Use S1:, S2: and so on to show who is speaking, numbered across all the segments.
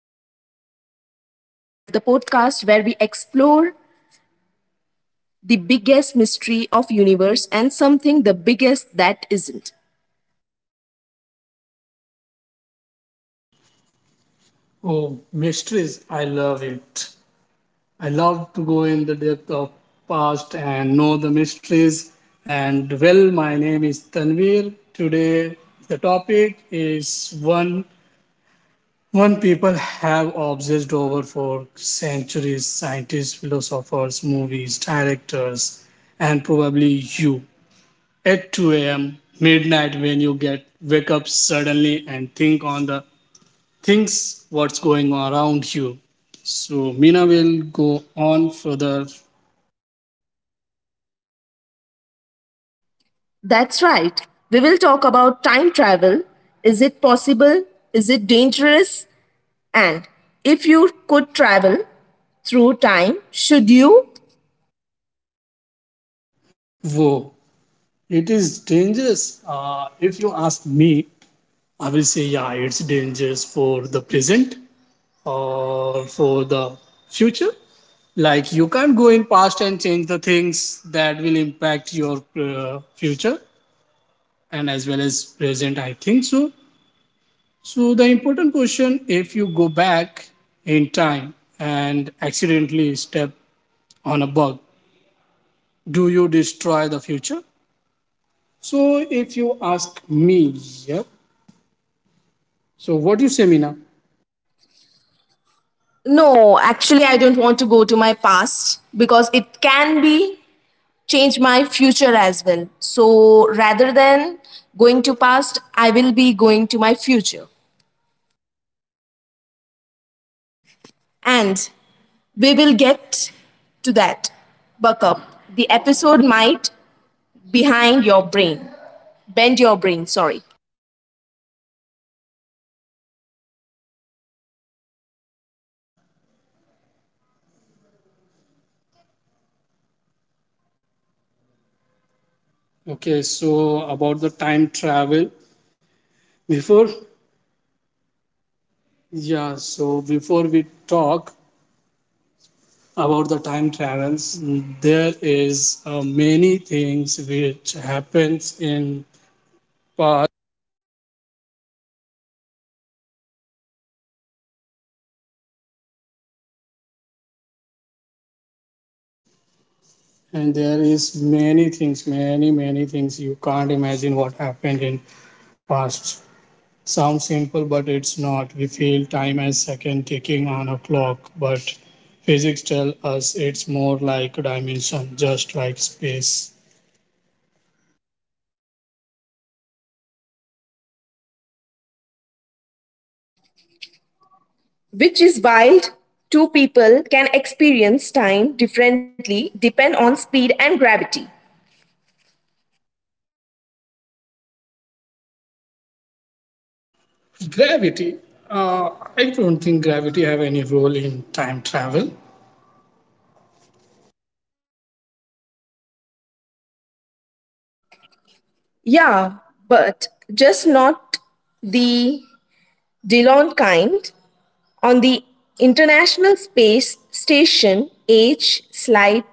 S1: welcome to Beyond Time, the podcast where we explore the biggest mystery of universe and something the biggest that isn't.
S2: Oh, mysteries. I love it. I love to go in the depth of past and know the mysteries. And well, my name is Tanvir. Today, the topic is one people have obsessed over for centuries scientists, philosophers, movies, directors, and probably you. At 2 a.m., midnight, when you get wake up suddenly and think on the Thinks what's going on around you. So Mina will go on further.
S1: That's right. We will talk about time travel. Is it possible? Is it dangerous? And if you could travel through time, should you?
S2: Whoa, it is dangerous. If you ask me, I will say yeah, it's dangerous for the present or for the future. Like you can't go in past and change the things that will impact your future and as well as present. I think so. So the important question: if you go back in time and accidentally step on a bug. Do you destroy the future? So if you ask me, yeah. So what do you say, Mina?
S1: No, actually, I don't want to go to my past because it can be change my future as well. So rather than going to past, I will be going to my future. And we will get to that. Buck up. The episode might behind your brain. Bend your brain, sorry.
S2: Okay, so about the time travel. Before, yeah. So before we talk about the time travels, there is many things which happens in past, and there is many things, many things you can't imagine what happened in past. Sounds simple, but it's not. We feel time as second ticking on a clock, but physics tell us it's more like dimension, just like space.
S1: Which is wild. Two people can experience time differently depend on speed and gravity.
S2: Gravity. Uh, I don't think gravity have any role in time travel.
S1: Yeah, but just not the Delon kind on the International Space Station, age slight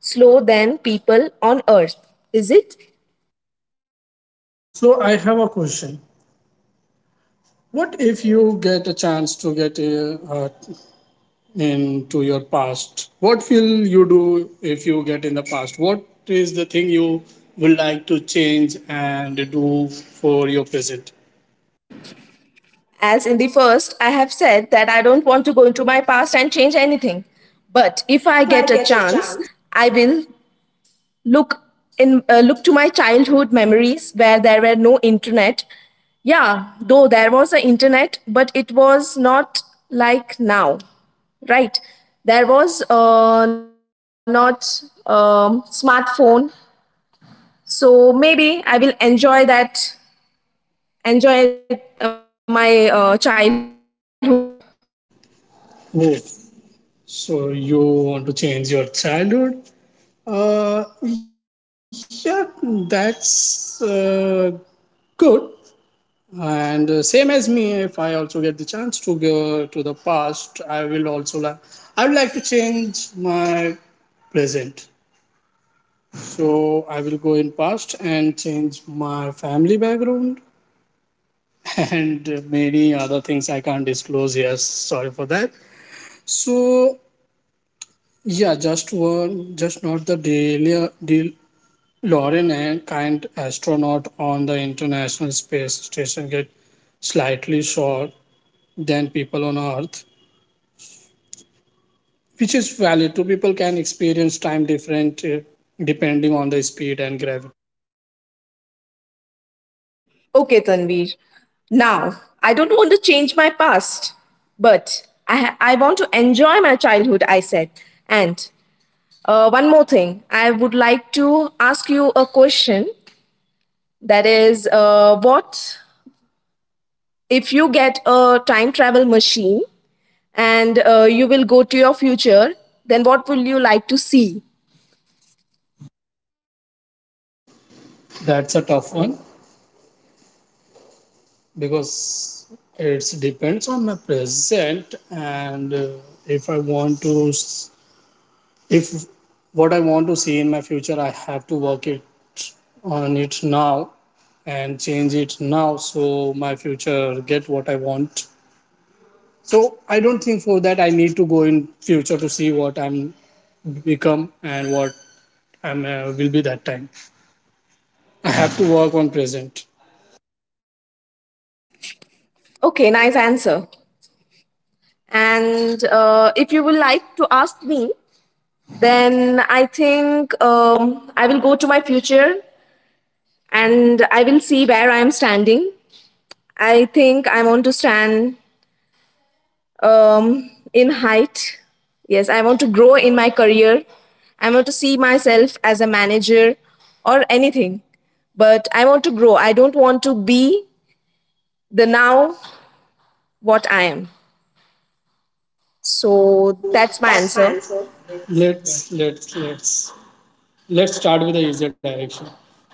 S1: slow than people on Earth, is it?
S2: So I have a question. What if you get a chance to get into your past? What will you do if you get in the past? What is the thing you would like to change and do for your present?
S1: As in the first, I have said that I don't want to go into my past and change anything. But if
S2: But
S1: I
S2: if
S1: get
S2: I
S1: a
S2: get a
S1: chance,
S2: chance,
S1: I will look in look to my childhood memories where there were no internet, yeah, though there was an internet but it was not like now, right? There was not smartphone, so maybe I will enjoy that, enjoy my childhood.
S2: Oh, so you want to change your childhood? Yeah, that's good. And Same as me, if I also get the chance to go to the past, I will also like. I would like to change my present. So I will go in past and change my family background and many other things I can't disclose here. Sorry for that. So yeah, just one, just not the daily De Lauren and kind astronaut on the International Space Station get slightly short than people on Earth, which is valid. Two people can experience time different depending on the speed and gravity.
S1: Okay, Tanvir, now I don't want to change my past, but I want to enjoy my childhood, I said. And one more thing, I would like to ask you a question. That is, what if you get a time travel machine and you will go to your future? Then what will you like to see?
S2: That's a tough one because it depends on my present and if I want to if what I want to see in my future, I have to work it on it now and change it now so my future get what I want. So I don't think for that I need to go in future to see what I'm become and what I'm will be that time. I have to work on present.
S1: Okay, nice answer. And if you would like to ask me, then I think I will go to my future and I will see where I am standing. I think I want to stand in height. Yes, I want to grow in my career. I want to see myself as a manager or anything. But I want to grow. I don't want to be the now what I am.
S2: So
S1: So
S2: that's
S1: that's
S2: my
S1: my
S2: answer.
S1: answer.
S2: Let's let's let's let's start with the easier direction.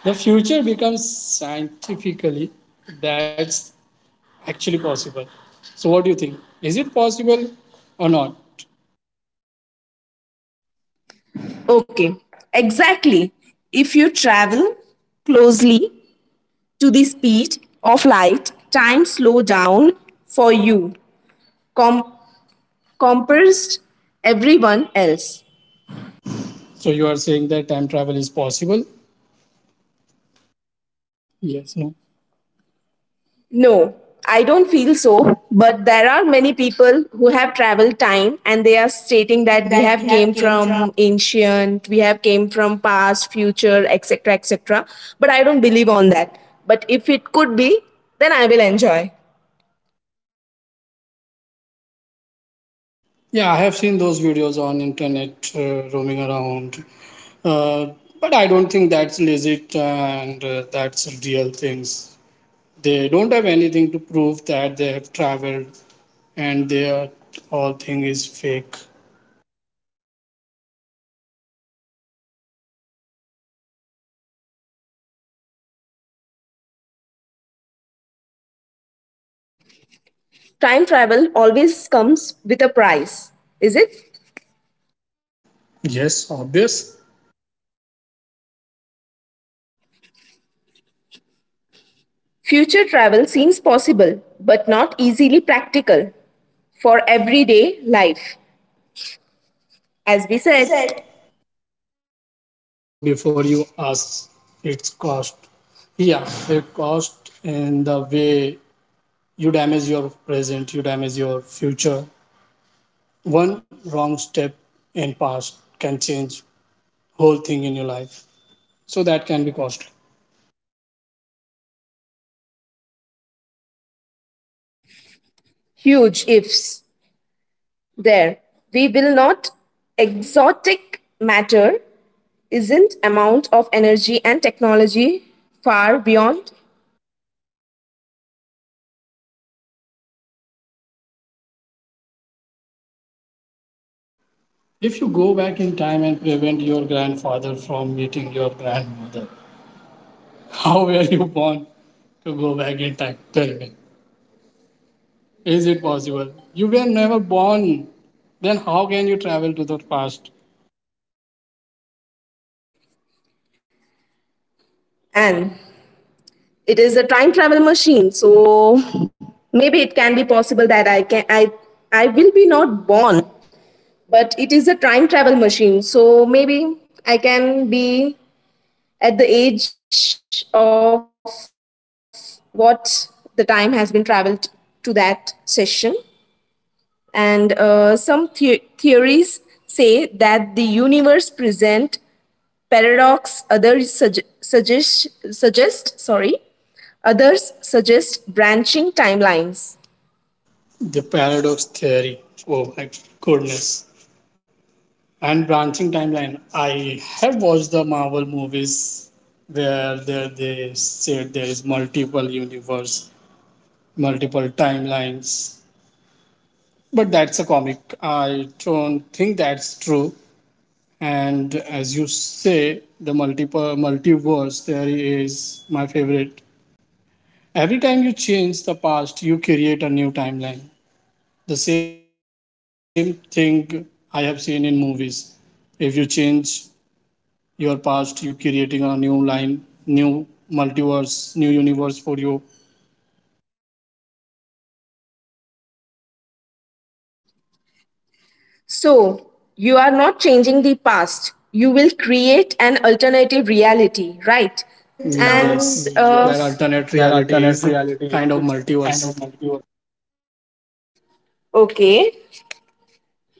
S2: The future becomes scientifically. That's actually possible. So, what do you think? Is it possible or not?
S1: Okay, exactly. If you travel closely to the speed of light, time slow down for you com- compared everyone else.
S2: So, you are saying that time travel is possible.
S1: No, I don't feel so, but there are many people who have traveled time and they are stating that
S2: Stating
S1: we
S2: that
S1: have
S2: we
S1: came
S2: have came from
S1: from ancient, we have came from past, future, etc., etc. But I don't believe on that. But if it could be, then I will enjoy.
S2: yeah, I have seen those videos on internet roaming around, uh, but I don't think that's legit and that's real things. They don't have anything to prove that they have traveled and their whole thing is fake.
S1: Time travel always comes with a price, is it?
S2: Yes, obvious.
S1: Future travel seems possible, but not easily practical for everyday life. As we
S2: As we
S1: said,
S2: said, so before you ask its cost, yeah, the cost and the way you damage your present, you damage your future. One wrong step in past can change whole thing in your life. So that can be costly.
S1: huge ifs. There, we will not. Exotic matter isn't amount of energy and technology far beyond,
S2: If you go back in time and prevent your grandfather from meeting your grandmother, how were you born to go back in time? Tell me. Is it possible? You were never born. Then how can you travel to the past?
S1: and it is a time travel machine. So maybe it can be possible that I can I will be not born, but it is a time travel machine. So maybe I can be at the age of what the time has been traveled to that session. And some theories say that the universe present paradox. Others sug- suggest suggest sorry. Others suggest branching timelines.
S2: The paradox theory. Oh my goodness. And branching timeline. I have watched the Marvel movies where there they said there is multiple universe, multiple timelines. But that's a comic. I don't think that's true. And as you say, the multiple multiverse theory is my favorite. Every time you change the past, you create a new timeline. The same thing I have seen in movies. If you change your past, you creating a new line, new multiverse, new universe for you.
S1: So you are not changing the past. You will create an alternative reality, right?
S2: And
S1: And
S2: Yes, that
S1: yes.
S2: alternate reality is kind of multiverse.
S1: Okay,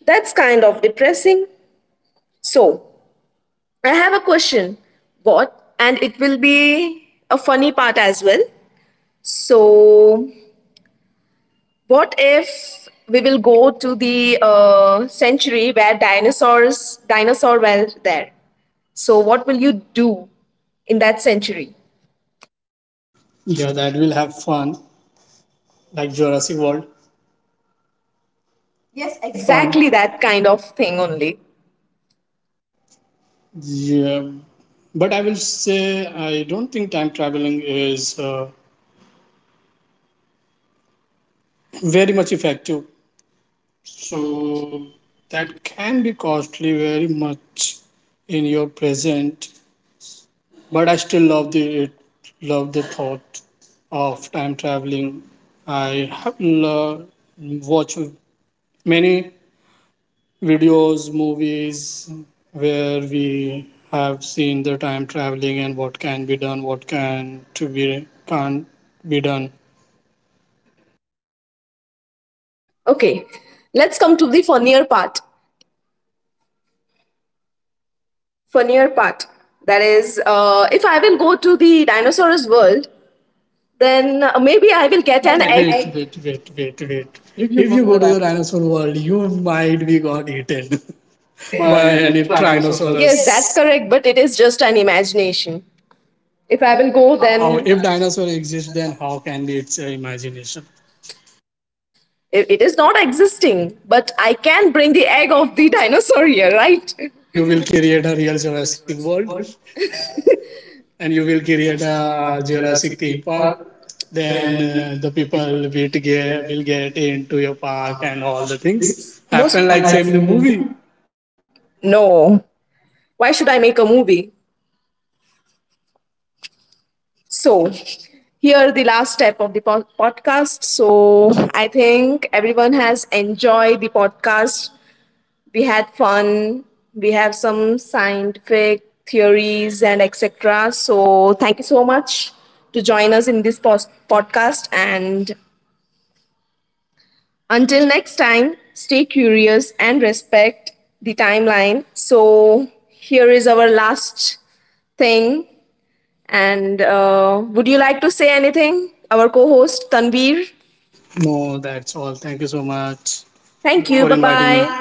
S1: that's kind of depressing. So, I have a question. What? And it will be a funny part as well. So, what if we will go to the century where dinosaur were there? So, what will you do in that century?
S2: Yeah, that will have fun, like Jurassic World. Yes, fun.
S1: Yes,
S2: Exactly that.
S1: exactly that kind of thing only.
S2: Yeah, but I will say I don't think time traveling is very much effective. So that can be costly very much in your present, but I still love the it, love the thought of time traveling. I have lo- watched many videos, movies where we have seen the time traveling and what can be done, what can to be can't be done.
S1: Okay, let's come to the funnier part. Funnier part. That is, if I will go to the dinosaurs world, then maybe I will
S2: I will
S1: get
S2: get
S1: an
S2: an wait,
S1: egg.
S2: egg. Wait, wait, wait, wait. If you go to the dinosaur world, you might be got eaten by any yes,
S1: Yes, that's
S2: Tyrannosaurus.
S1: correct, but it is just an imagination. If I will go,
S2: How,
S1: then
S2: if dinosaur exists, then how can be its imagination?
S1: it is not existing, but I can bring the egg of the dinosaur here, right?
S2: And you will create a real Jurassic world, and you will create a Jurassic theme park. Then the people will get into your park and all the things happen
S1: Most-
S2: like same the movie.
S1: no. Why should I make a movie? So, here the last step of the podcast. So, I think everyone has enjoyed the podcast. We had fun, we have some scientific theories and etc., so thank you so much to join us in this podcast, and until next time stay curious and respect the timeline. So here is our last thing, and would you like to say anything, our co-host Tanvir?
S2: No, that's all. Thank you so much
S1: Thank
S2: for
S1: you, bye
S2: inviting me.
S1: bye.